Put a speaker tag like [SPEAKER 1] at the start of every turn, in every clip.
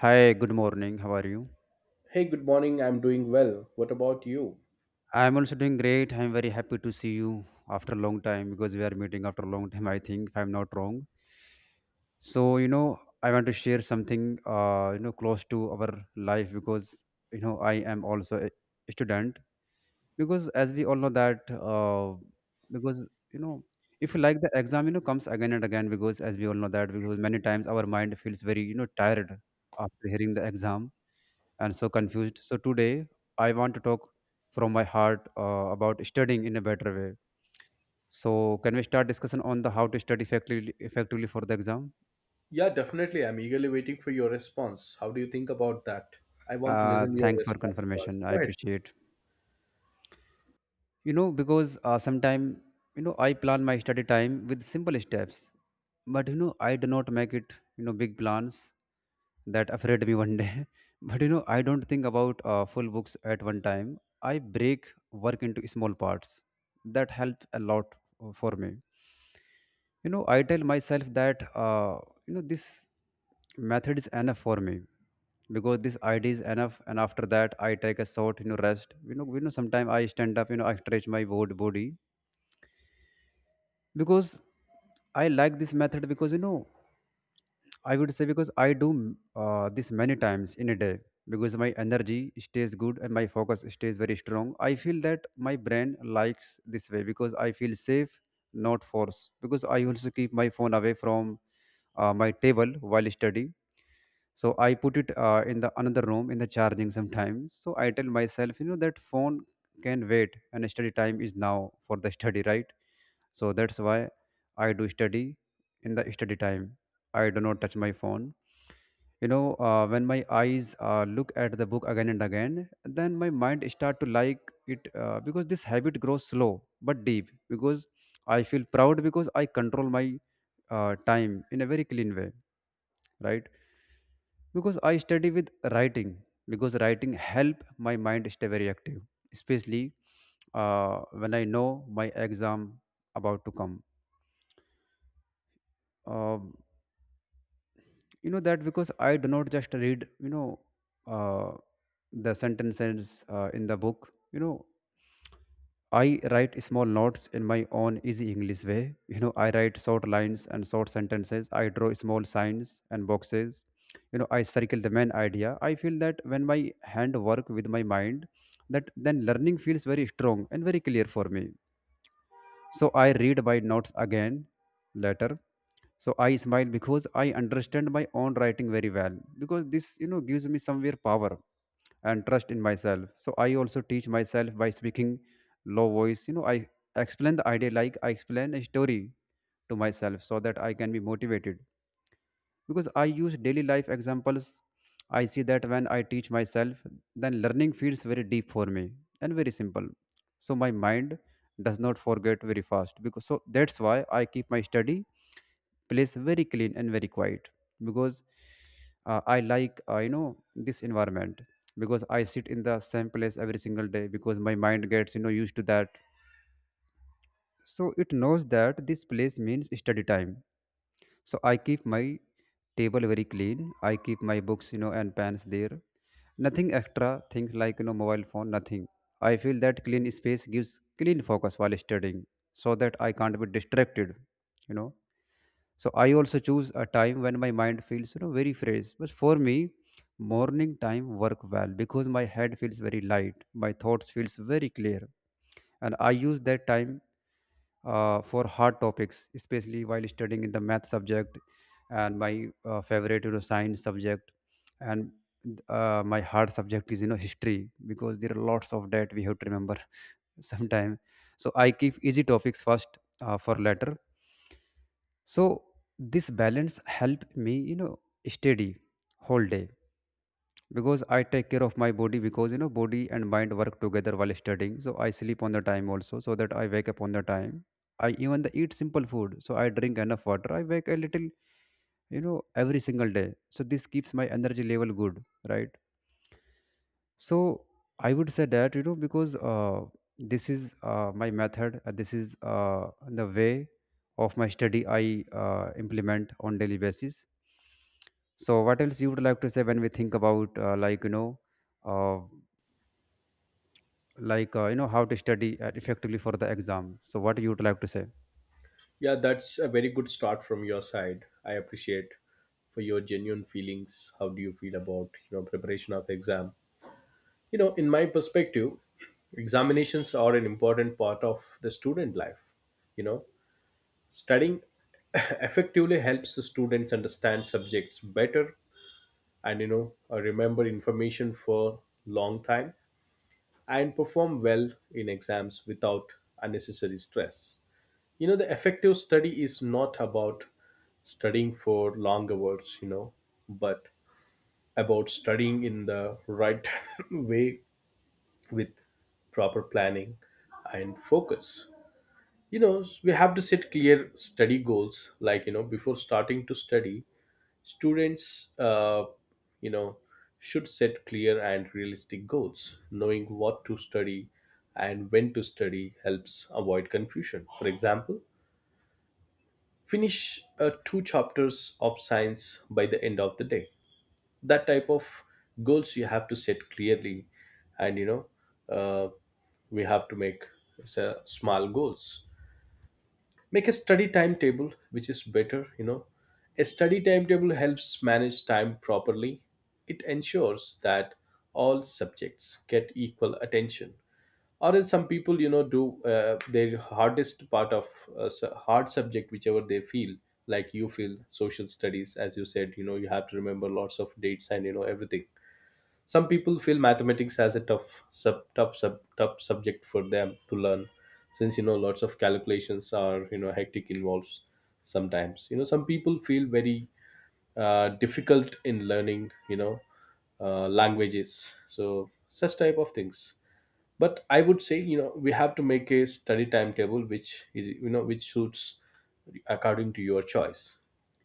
[SPEAKER 1] Hi, good morning. How are you?
[SPEAKER 2] Hey, good morning. I'm doing well. What about you?
[SPEAKER 1] I'm also doing great. I'm very happy to see you after a long time because we are meeting after a long time, I think, if I'm not wrong. I want to share something, close to our life because I am also a student. Because as we all know that, because, you know, if you like the exam, comes again and again because as we all know that, because many times our mind feels very, tired after hearing the exam and so confused. So today I want to talk from my heart about studying in a better way. So can we start discussion on the how to study effectively, effectively for the exam?
[SPEAKER 2] Yeah, definitely. I'm eagerly waiting for your response. How do you think about that? I want to listen to your
[SPEAKER 1] Thanks for
[SPEAKER 2] response first.
[SPEAKER 1] confirmation. I
[SPEAKER 2] Go ahead, please.
[SPEAKER 1] appreciate. You know because sometime you know, I plan my study time with simple steps, but you know, I do not make it you know, big plans that afraid me one day. But you know, I don't think about full books at one time. I break work into small parts. That help a lot for me. You know, I tell myself that you know, this method is enough for me because this idea is enough. And after that I take a short you know, rest. You know, sometimes I stand up. You know, I stretch my body. Because I like this method because you know, I would say because I do this many times in a day because my energy stays good and my focus stays very strong. I feel that my brain likes this way because I feel safe, not force. Because I also keep my phone away from my table while studying, so I put it in the another room in the charging sometimes. So I tell myself, you know, that phone can wait and study time is now for the study, right? So that's why I do study in the study time. I do not touch my phone. You know, when my eyes look at the book again and again, then my mind start to like it. Because this habit grows slow but deep. Because I feel proud because I control my time in a very clean way, right? Because I study with writing, because writing help my mind stay very active, especially uh, when I know my exam about to come. Um you know that, because I do not just read, you know uh, the sentences in the book, you know, I write small notes in my own easy English way. You know, I write short lines and short sentences. I draw small signs and boxes. You know, I circle the main idea. I feel that when my hand work with my mind, that then learning feels very strong and very clear for me. So I read my notes again later. So I smile because I understand my own writing very well, because this you know, gives me somewhere power and trust in myself. So I also teach myself by speaking low voice. You know, I explain the idea like I explain a story to myself so that I can be motivated. Because I use daily life examples, I see that when I teach myself, then learning feels very deep for me and very simple. So my mind does not forget very fast. Because so that's why I keep my study place very clean and very quiet, because I like, you know, this environment. Because I sit in the same place every single day, because my mind gets you know, used to that. So it knows that this place means study time. So I keep my table very clean. I keep my books, you know, and pens there. Nothing extra things like, you know, mobile phone, nothing. I feel that clean space gives clean focus while studying so that I can't be distracted, you know. So I also choose a time when my mind feels, you know, very fresh. But for me, morning time work well because my head feels very light, my thoughts feels very clear. And I use that time for hard topics, especially while studying in the math subject and my favorite, you know, science subject. And my hard subject is, you know, history, because there are lots of that we have to remember. Sometime. So I keep easy topics first for later. So this balance helped me, you know, steady whole day. Because I take care of my body, because you know, body and mind work together while studying. So I sleep on the time also so that I wake up on the time. I even the eat simple food. So I drink enough water. I wake a little, you know, every single day. So this keeps my energy level good, right? So I would say that, you know because this is my method. This is the way of my study I implement on daily basis. So what else you would like to say when we think about, uh, like you know how to study effectively for the exam? So what you would like to say?
[SPEAKER 2] Yeah, that's a very good start from your side. I appreciate for your genuine feelings. How do you feel about, you know, preparation of exam? You know, in my perspective, examinations are an important part of the student life. You know, studying effectively helps the students understand subjects better and you know remember information for long time and perform well in exams without unnecessary stress. You know, the effective study is not about studying for long hours, you know, but about studying in the right way with proper planning and focus. You know, we have to set clear study goals, like, you know, before starting to study. Students, you know, should set clear and realistic goals. Knowing what to study and when to study helps avoid confusion. For example, finish two chapters of science by the end of the day. That type of goals you have to set clearly, and you know, uh, we have to make s- uh, small goals. Make a study timetable, which is better, you know. A study timetable helps manage time properly. It ensures that all subjects get equal attention. Or else, some people, you know, do their hardest part of a hard subject, whichever they feel, like you feel social studies, as you said, you know, you have to remember lots of dates and, you know, everything. Some people feel mathematics as a tough subject for them to learn, since, you know, lots of calculations are, you know, hectic involves sometimes. You know, some people feel very difficult in learning, you know, languages, so such type of things. But I would say, you know, we have to make a study timetable which is, you know, which suits according to your choice.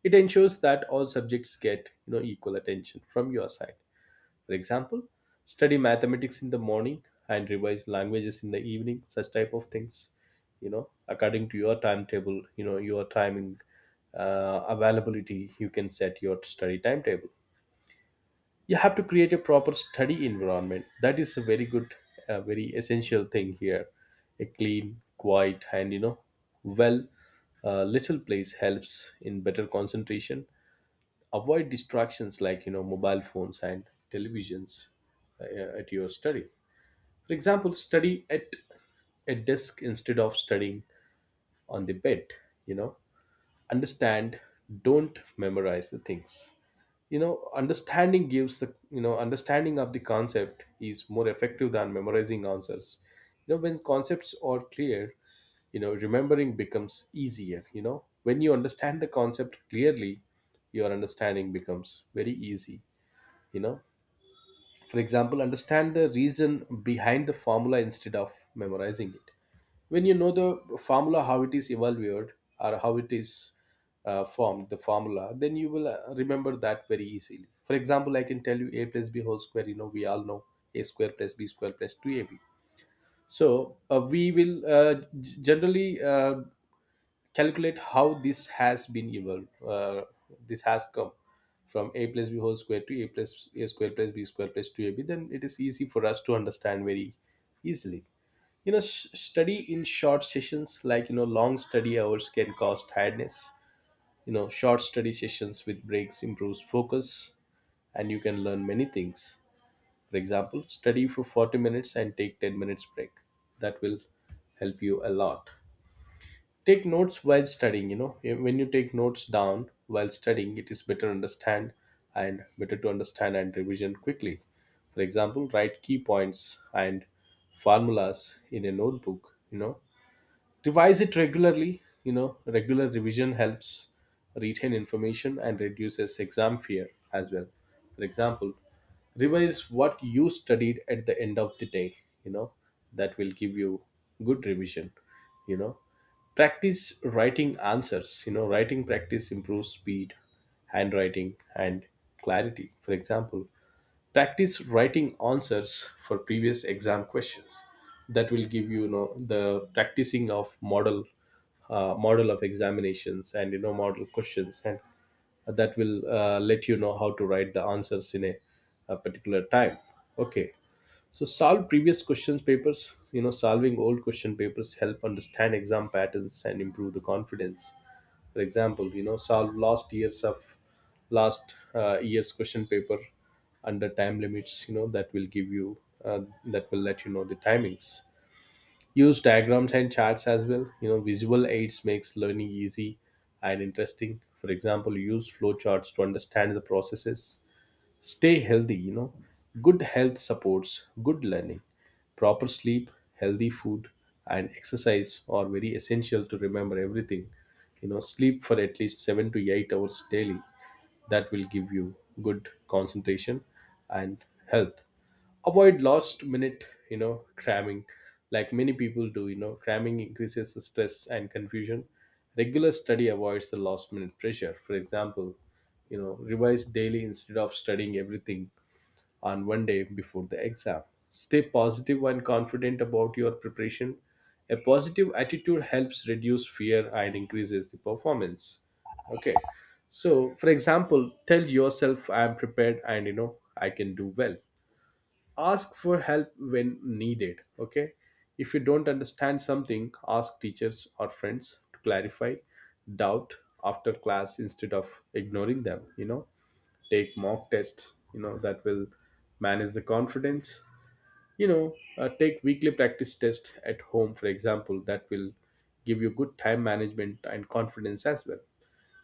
[SPEAKER 2] It ensures that all subjects get, you know, equal attention from your side. For example, study mathematics in the morning and revise languages in the evening, such type of things, you know, according to your timetable, you know, your timing availability, you can set your study timetable. You have to create a proper study environment. That is a very good, very essential thing here. A clean, quiet, and, you know, well, little place helps in better concentration. Avoid distractions like, you know, mobile phones and televisions at your study. For example, study at a desk instead of studying on the bed, you know. Understand, don't memorize the things, you know. Understanding gives the, you know, understanding of the concept is more effective than memorizing answers. You know, when concepts are clear, you know, remembering becomes easier. You know, when you understand the concept clearly, your understanding becomes very easy, you know. For example, understand the reason behind the formula instead of memorizing it. When you know the formula how it is evolved or how it is formed the formula, then you will remember that very easily. For example, I can tell you a plus b whole square, you know, we all know a square plus b square plus 2ab. So we will generally calculate how this has been evolved, uh, this has come from a plus b whole square to a plus a square plus b square plus 2ab. Then it is easy for us to understand very easily, you know. Study in short sessions, like, you know, long study hours can cause tiredness. You know, short study sessions with breaks improves focus and you can learn many things. For example, study for 40 minutes and take 10 minutes break. That will help you a lot. Take notes while studying, you know. When you take notes down while studying, it is better understand and better to understand and revision quickly. For example, write key points and formulas in a notebook, you know. Revise it regularly. You know, regular revision helps retain information and reduces exam fear as well. For example, revise what you studied at the end of the day. You know, that will give you good revision. You know, practice writing answers. You know, writing practice improves speed, handwriting, and clarity. For example, practice writing answers for previous exam questions. That will give you, you know, the practicing of model model of examinations and, you know, model questions, and that will let you know how to write the answers in a particular time. Okay, so solve previous questions papers. You know, solving old question papers help understand exam patterns and improve the confidence. For example, you know, solve last years of last year's question paper under time limits. You know, that will give you uh, that will let you know the timings. Use diagrams and charts as well. You know, visual aids makes learning easy and interesting. For example, use flowcharts to understand the processes. Stay healthy, you know. Good health supports good learning. Proper sleep, healthy food, and exercise are very essential to remember everything. You know, sleep for at least 7 to 8 hours daily. That will give you good concentration and health. Avoid last minute, you know, cramming like many people do. You know, cramming increases the stress and confusion. Regular study avoids the last minute pressure. For example, you know, revise daily instead of studying everything on one day before the exam. Stay positive and confident about your preparation. A positive attitude helps reduce fear and increases the performance. Okay, so for example, tell yourself I am prepared and, you know, I can do well. Ask for help when needed. Okay, if you don't understand something, ask teachers or friends to clarify doubt after class instead of ignoring them, you know. Take mock tests, you know. That will manage the confidence. You know, take weekly practice test at home, for example. That will give you good time management and confidence as well.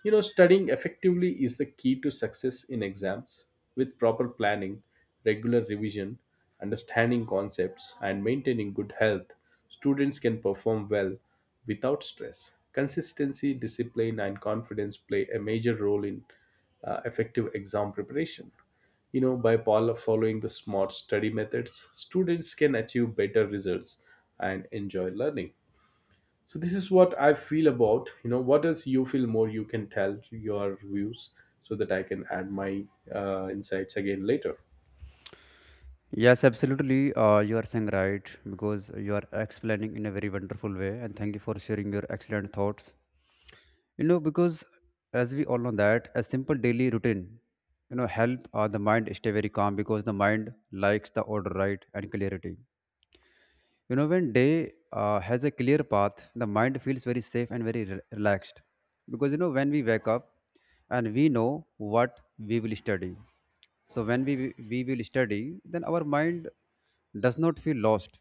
[SPEAKER 2] You know, studying effectively is the key to success in exams. With proper planning, regular revision, understanding concepts, and maintaining good health, students can perform well without stress. Consistency, discipline, and confidence play a major role in effective exam preparation. You know, by following the smart study methods, students can achieve better results and enjoy learning. So this is what I feel about, you know. What else you feel more, you can tell your views so that I can add my insights again later.
[SPEAKER 1] Yes, absolutely. You are saying right, because you are explaining in a very wonderful way, and thank you for sharing your excellent thoughts. You know, because as we all know that a simple daily routine, you know, help the mind stay very calm, because the mind likes the order, right, and clarity. You know, when day has a clear path, the mind feels very safe and very relaxed. Because, you know, when we wake up and we know what we will study. So, when we will study, then our mind does not feel lost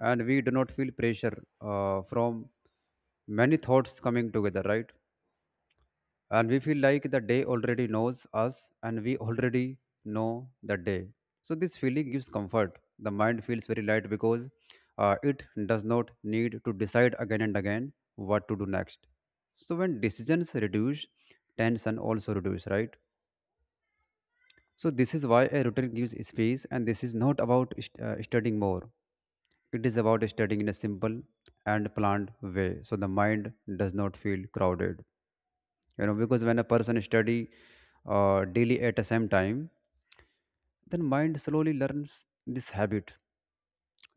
[SPEAKER 1] and we do not feel pressure from many thoughts coming together, right? And we feel like the day already knows us and we already know the day. So this feeling gives comfort. The mind feels very light because it does not need to decide again and again what to do next. So when decisions reduce, tension also reduce, right? So this is why a routine gives space. And this is not about studying more. It is about studying in a simple and planned way, so the mind does not feel crowded. You know, because when a person study daily at the same time, then mind slowly learns this habit.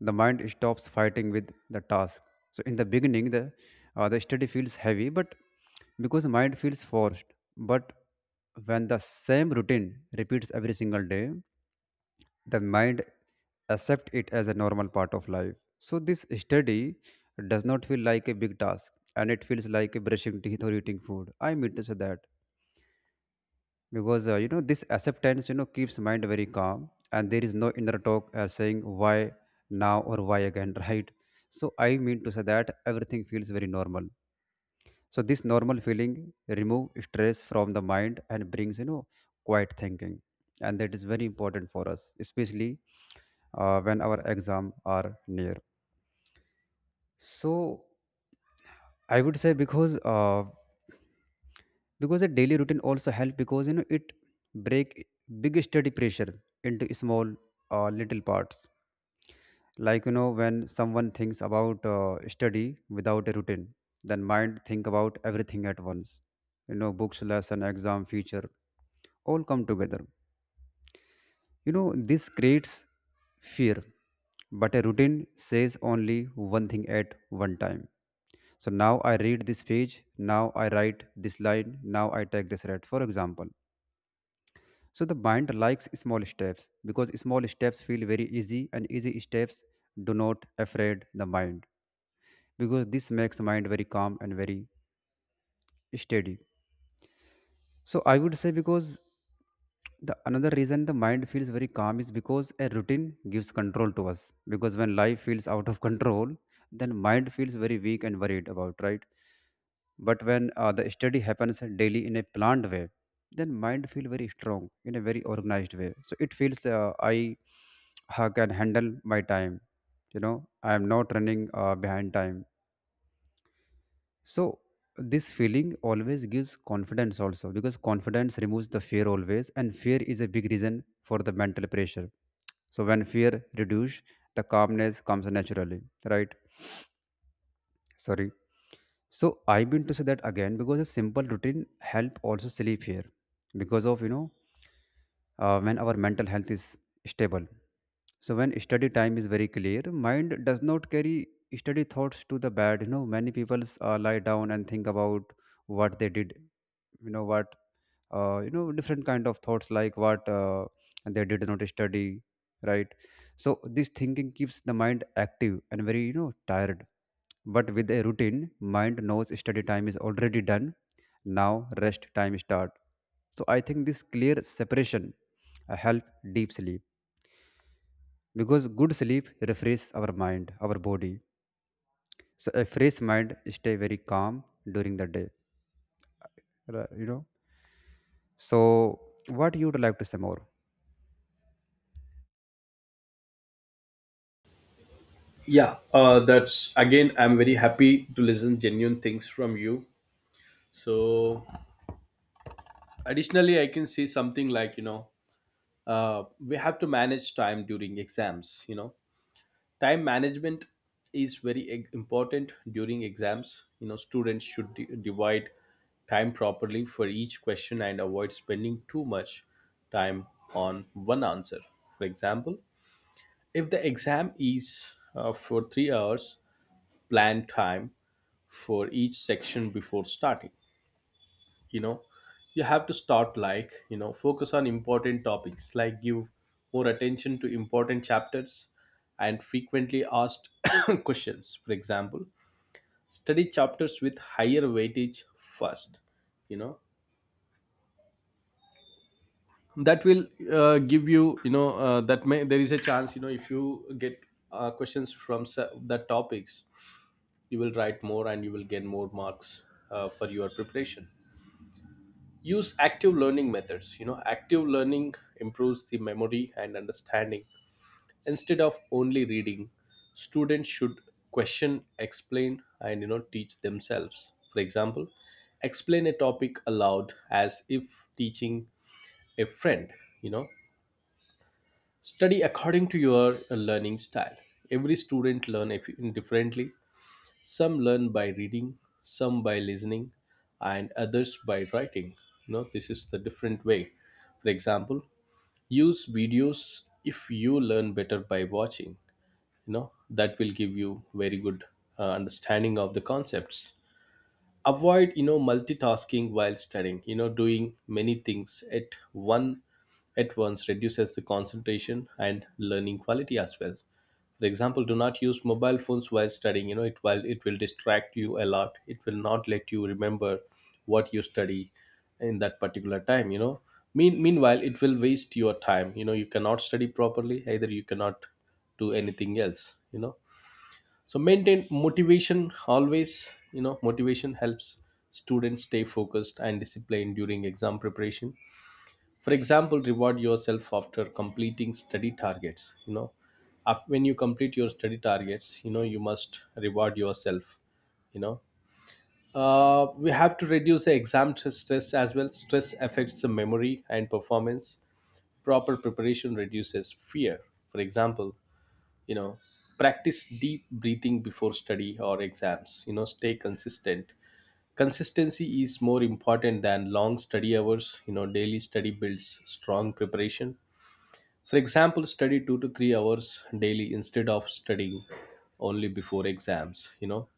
[SPEAKER 1] The mind stops fighting with the task. So in the beginning, the the study feels heavy, but because mind feels forced. But when the same routine repeats every single day, the mind accept it as a normal part of life. So this study does not feel like a big task, and it feels like brushing teeth or eating food, I mean to say that. Because you know, this acceptance, you know, keeps mind very calm. And there is no inner talk saying why now or why again, right? So I mean to say that everything feels very normal. So this normal feeling remove stress from the mind and brings, you know, quiet thinking. And that is very important for us, especially when our exam are near. So I would say, because a daily routine also help because, you know, it break big study pressure into small little parts. Like, you know, when someone thinks about study without a routine, then mind think about everything at once. You know, books, lesson, exam, future, all come together. You know, this creates fear. But a routine says only one thing at one time. So now I read this page, now I write this line, now I take this red, for example. So the mind likes small steps, because small steps feel very easy, and easy steps do not afraid the mind. Because this makes mind very calm and very steady. So I would say, because the another reason the mind feels very calm is because a routine gives control to us. Because when life feels out of control, then mind feels very weak and worried about, right? But when the study happens daily in a planned way, then mind feel very strong in a very organized way. So it feels I can handle my time. You know, I am not running behind time. So this feeling always gives confidence also, because confidence removes the fear always, and fear is a big reason for the mental pressure. So when fear reduce, the calmness comes naturally, right? Sorry. So I've been to say that again, because a simple routine help also sleep here because of, you know, when our mental health is stable. So when study time is very clear, mind does not carry study thoughts to the bed. You know many people lie down and think about what they did you know what you know different kind of thoughts like what they did not study, right. So this thinking keeps the mind active and very tired, but with a routine mind knows study time is already done now, rest time start. So I think this clear separation help deep sleep because good sleep refresh our mind, our body. So a fresh mind stay very calm during the day. Ri- you know so what you would like to say more?
[SPEAKER 2] Yeah, that's again, I'm very happy to listen genuine things from you. So additionally, I can say something like, you know, we have to manage time during exams, you know. Time management is very important during exams. You know, students should divide time properly for each question and avoid spending too much time on one answer. For example, if the exam is for 3 hours, plan time for each section before starting. You know, you have to start like, you know, focus on important topics, like give more attention to important chapters and frequently asked questions. For example, study chapters with higher weightage first. You know, that will give you, you know, that may there is a chance, you know, if you get questions from the topics, you will write more and you will get more marks for your preparation. Use active learning methods. You know, active learning improves the memory and understanding. Instead of only reading, students should question, explain, and, you know, teach themselves. For example, explain a topic aloud as if teaching a friend, you know. Study according to your learning style. Every student learn differently. Some learn by reading, some by listening, and others by writing. You know, this is the different way. For example, use videos if you learn better by watching. You know, that will give you very good understanding of the concepts. Avoid, you know, multitasking while studying. You know, doing many things at one at once reduces the concentration and learning quality as well. For example, do not use mobile phones while studying. You know it, while it will distract you a lot, it will not let you remember what you study in that particular time, you know. Meanwhile, it will waste your time. You know, you cannot study properly, either you cannot do anything else, you know. So maintain motivation always. You know, motivation helps students stay focused and disciplined during exam preparation. For example, reward yourself after completing study targets. You know, when you complete your study targets, you know, you must reward yourself, you know. We have to reduce the exam stress as well. Stress affects the memory and performance. Proper preparation reduces fear. For example, you know, practice deep breathing before study or exams. You Know, stay consistent. Consistency is more important than long study hours. You know, daily study builds strong preparation. For example, study 2 to 3 hours daily instead of studying only before exams.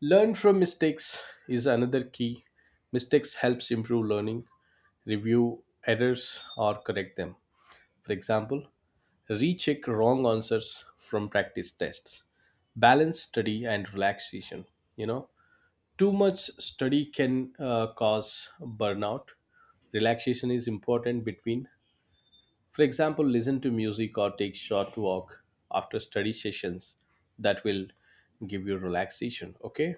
[SPEAKER 2] Learn from mistakes is another key. Mistakes helps improve learning. Review errors or correct them. For example, recheck wrong answers from practice tests. Balance study and relaxation. You know, too much study can cause burnout. Relaxation is important. Between, for example, listen to music or take short walk after study sessions. That will give you relaxation. Okay.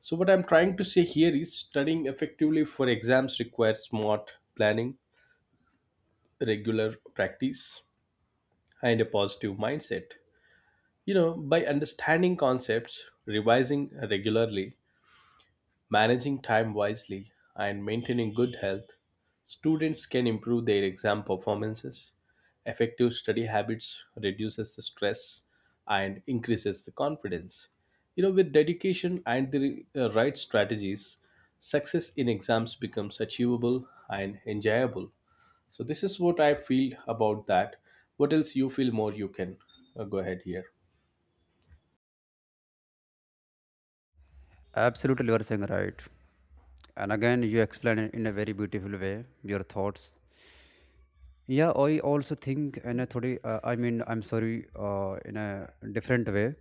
[SPEAKER 2] So what I'm trying to say here is studying effectively for exams requires smart planning, regular practice, and a positive mindset. You know, by understanding concepts, revising regularly, managing time wisely, and maintaining good health, students can improve their exam performances. Effective study habits reduces the stress and increases the confidence. You know, with dedication and the right strategies, success in exams becomes achievable and enjoyable. So this is what I feel about that. What else you feel more you can go ahead here.
[SPEAKER 1] Absolutely, you are saying right. And again, you explain it in a very beautiful way your thoughts. Yeah, I also think, and I thought, I mean, I'm sorry, in a different way.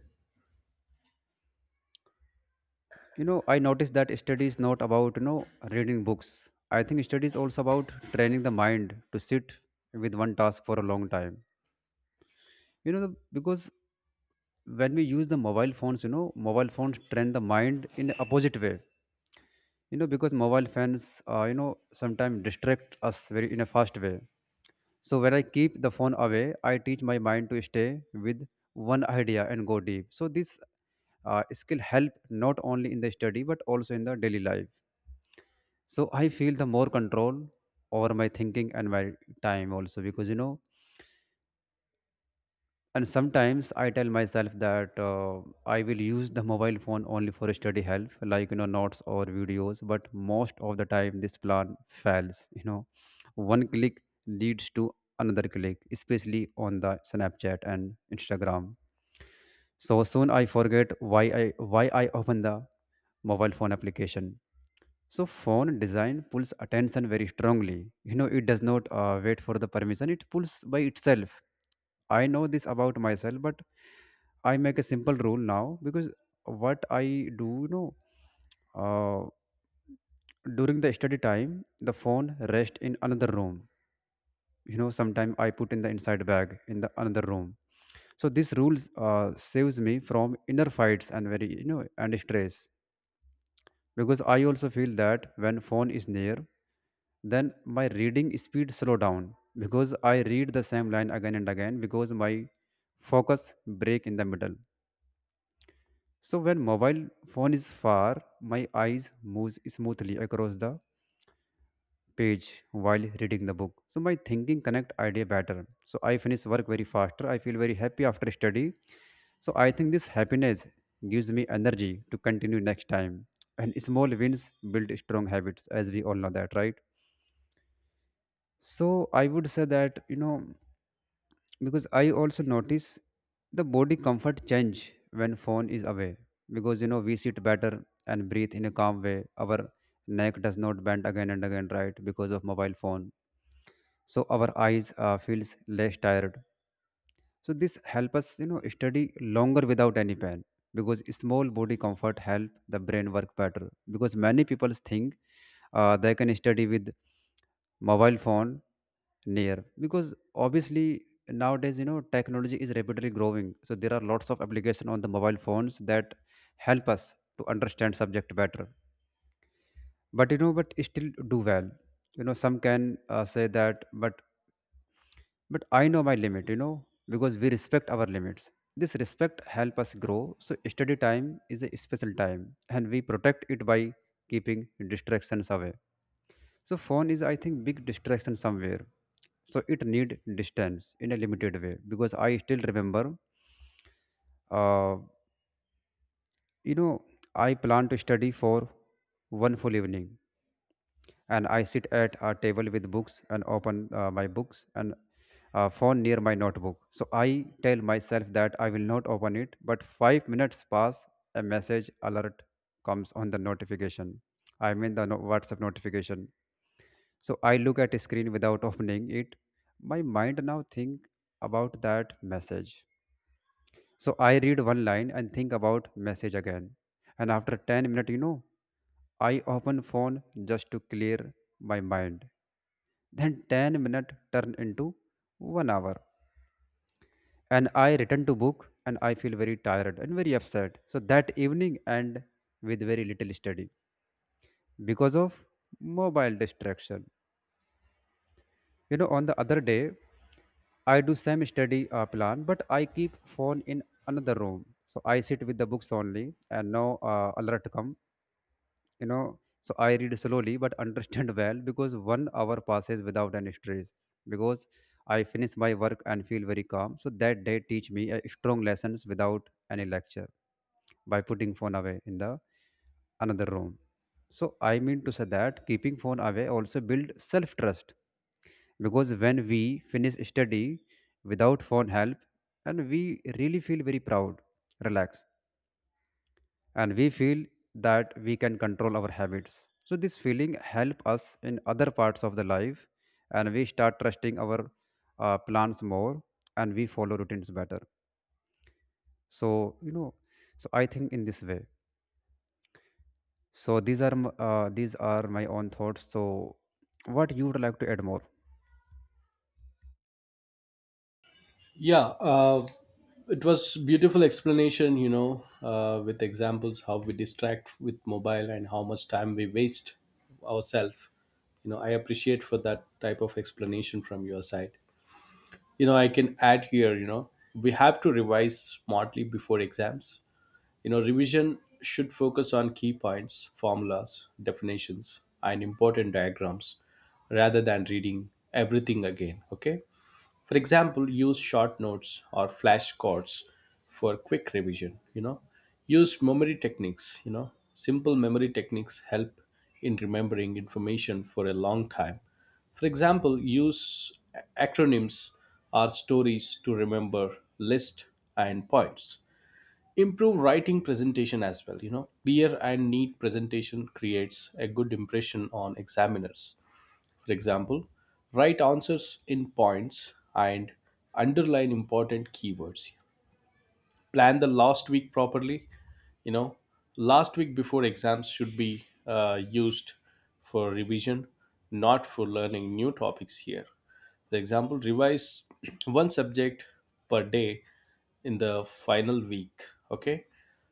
[SPEAKER 1] You know, I noticed that study is not about reading books. I think study is also about training the mind to sit with one task for a long time. You know, because when we use the mobile phones, you know, mobile phones train the mind in a opposite way. You know, because mobile phones, sometimes distract us very in a fast way. So when I keep the phone away, I teach my mind to stay with one idea and go deep. So this skill help not only in the study but also in the daily life. So I feel the more control over my thinking and my time also because And sometimes I tell myself that I will use the mobile phone only for study help, like notes or videos. But most of the time, this plan fails. You know, one click leads to another click, especially on the Snapchat and Instagram. So soon I forget why I open the mobile phone application. So phone design pulls attention very strongly. You know, it does not wait for the permission; it pulls by itself. I know this about myself, but I make a simple rule now. Because what I do, uh, during the study time, the phone rest in another room. You know, sometimes I put in the inside bag in the another room. So this rules saves me from inner fights and very and stress. Because I also feel that when phone is near, then my reading speed slow down because I read the same line again and again because my focus break in the middle. So when mobile phone is far, my eyes moves smoothly across the page while reading the book. So my thinking connect idea better. So I finish work very faster. I feel very happy after study. So I think this happiness gives me energy to continue next time. And small wins build strong habits, as we all know that, right? So I would say that because I also notice the body comfort change when phone is away. Because you know we sit better and breathe in a calm way, our neck does not bend again and again, right, because of mobile phone. So our eyes feels less tired. So this help us, study longer without any pain because small body comfort help the brain work better. Because many people think they can study with mobile phone near because obviously nowadays technology is rapidly growing. So there are lots of application on the mobile phones that help us to understand subject better. But but still do well. You know, some can say that, but I know my limit because we respect our limits. This respect help us grow. So study time is a special time, and we protect it by keeping distractions away. So phone is, I think, big distraction somewhere. So it need distance in a limited way because I still remember, uh, you know I plan to study for one full evening, and I sit at a table with books and open my books and phone near my notebook. So I tell myself that I will not open it, but 5 minutes pass, a message alert comes on the notification. I mean the WhatsApp notification. So I look at a screen without opening it. My mind now think about that message. So I read one line and think about message again. And after 10 minutes, you know, I open phone just to clear my mind, then 10-minute turned into 1 hour. And I return to book and I feel very tired and very upset. So that evening and with very little study because of mobile distraction. You know, on the other day, I do same study plan, but I keep phone in another room. So I sit with the books only, and no alert come. you know so I read slowly but understand well because 1 hour passes without any stress because I finish my work and feel very calm. So that day teach me a strong lessons without any lecture by putting phone away in the another room. So I mean to say that keeping phone away also build self trust because when we finish study without phone help, and we really feel very proud, relaxed, and we feel that we can control our habits. So this feeling help us in other parts of the life, and we start trusting our plans more, and we follow routines better. So you know, so I think in this way. So these are these are my own thoughts. So what you would like to add more?
[SPEAKER 2] Yeah, it was beautiful explanation, you know, with examples how we distract with mobile and how much time we waste ourselves. You know, I appreciate for that type of explanation from your side. You know, I can add here, you know, we have to revise smartly before exams. You know, revision should focus on key points, formulas, definitions, and important diagrams rather than reading everything again, okay? For example, use short notes or flashcards for quick revision, you know. Use memory techniques, you know. Simple memory techniques help in remembering information for a long time. For example, use acronyms or stories to remember list and points. Improve writing presentation as well, you know. Clear and neat presentation creates a good impression on examiners. For example, write answers in points and underline important keywords. Plan the last week properly. You know, last week before exams should be used for revision, not for learning new topics here. For example, revise one subject per day in the final week. Okay,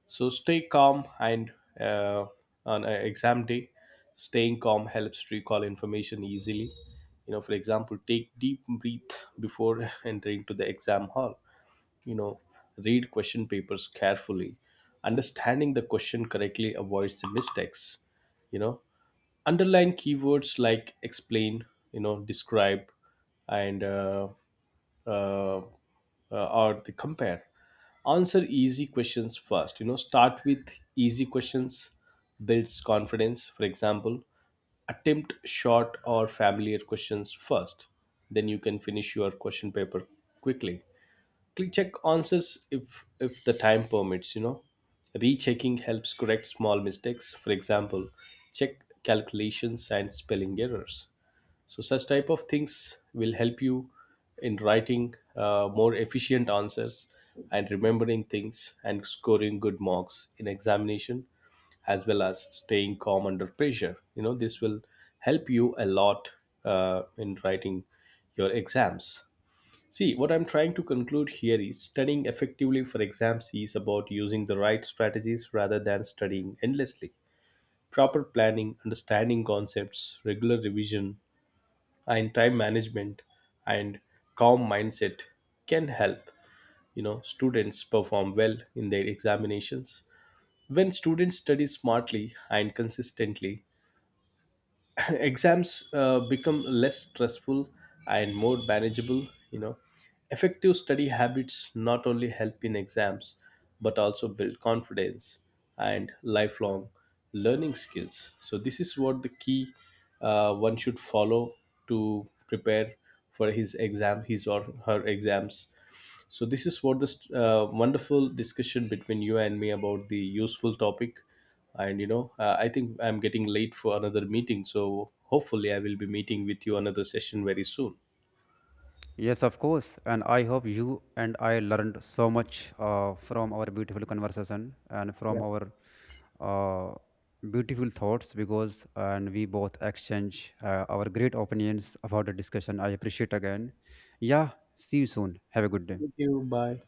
[SPEAKER 2] so stay calm and, uh, on an exam day, staying calm helps recall information easily. You know, for example, take deep breath before entering to the exam hall. You know, read question papers carefully. Understanding the question correctly avoids the mistakes. You know, underline keywords like explain, you know, describe, and or the compare. Answer easy questions first. You know, start with easy questions builds confidence. For example, attempt short or familiar questions first, then you can finish your question paper quickly. Click check answers if the time permits. You know, rechecking helps correct small mistakes. For example, check calculations and spelling errors. So such type of things will help you in writing more efficient answers and remembering things and scoring good marks in examination, as well as staying calm under pressure. You know, this will help you a lot in writing your exams. See, what I'm trying to conclude here is studying effectively for exams is about using the right strategies rather than studying endlessly. Proper planning, understanding concepts, regular revision, and time management and calm mindset can help, you know, students perform well in their examinations. When students study smartly and consistently, exams become less stressful and more manageable. You know, effective study habits not only help in exams but also build confidence and lifelong learning skills. So this is what the key one should follow to prepare for his exam, his or her exams. So this is what, this wonderful discussion between you and me about the useful topic, and you know, I think I'm getting late for another meeting. So hopefully I will be meeting with you another session very soon.
[SPEAKER 1] Yes, of course, and I hope you and I learned so much from our beautiful conversation and
[SPEAKER 2] Yeah.
[SPEAKER 1] from our uh, beautiful thoughts because and we both exchange our great opinions about the discussion. I appreciate again. Yeah, see you soon, have a good
[SPEAKER 2] Thank
[SPEAKER 1] day.
[SPEAKER 2] you. Bye.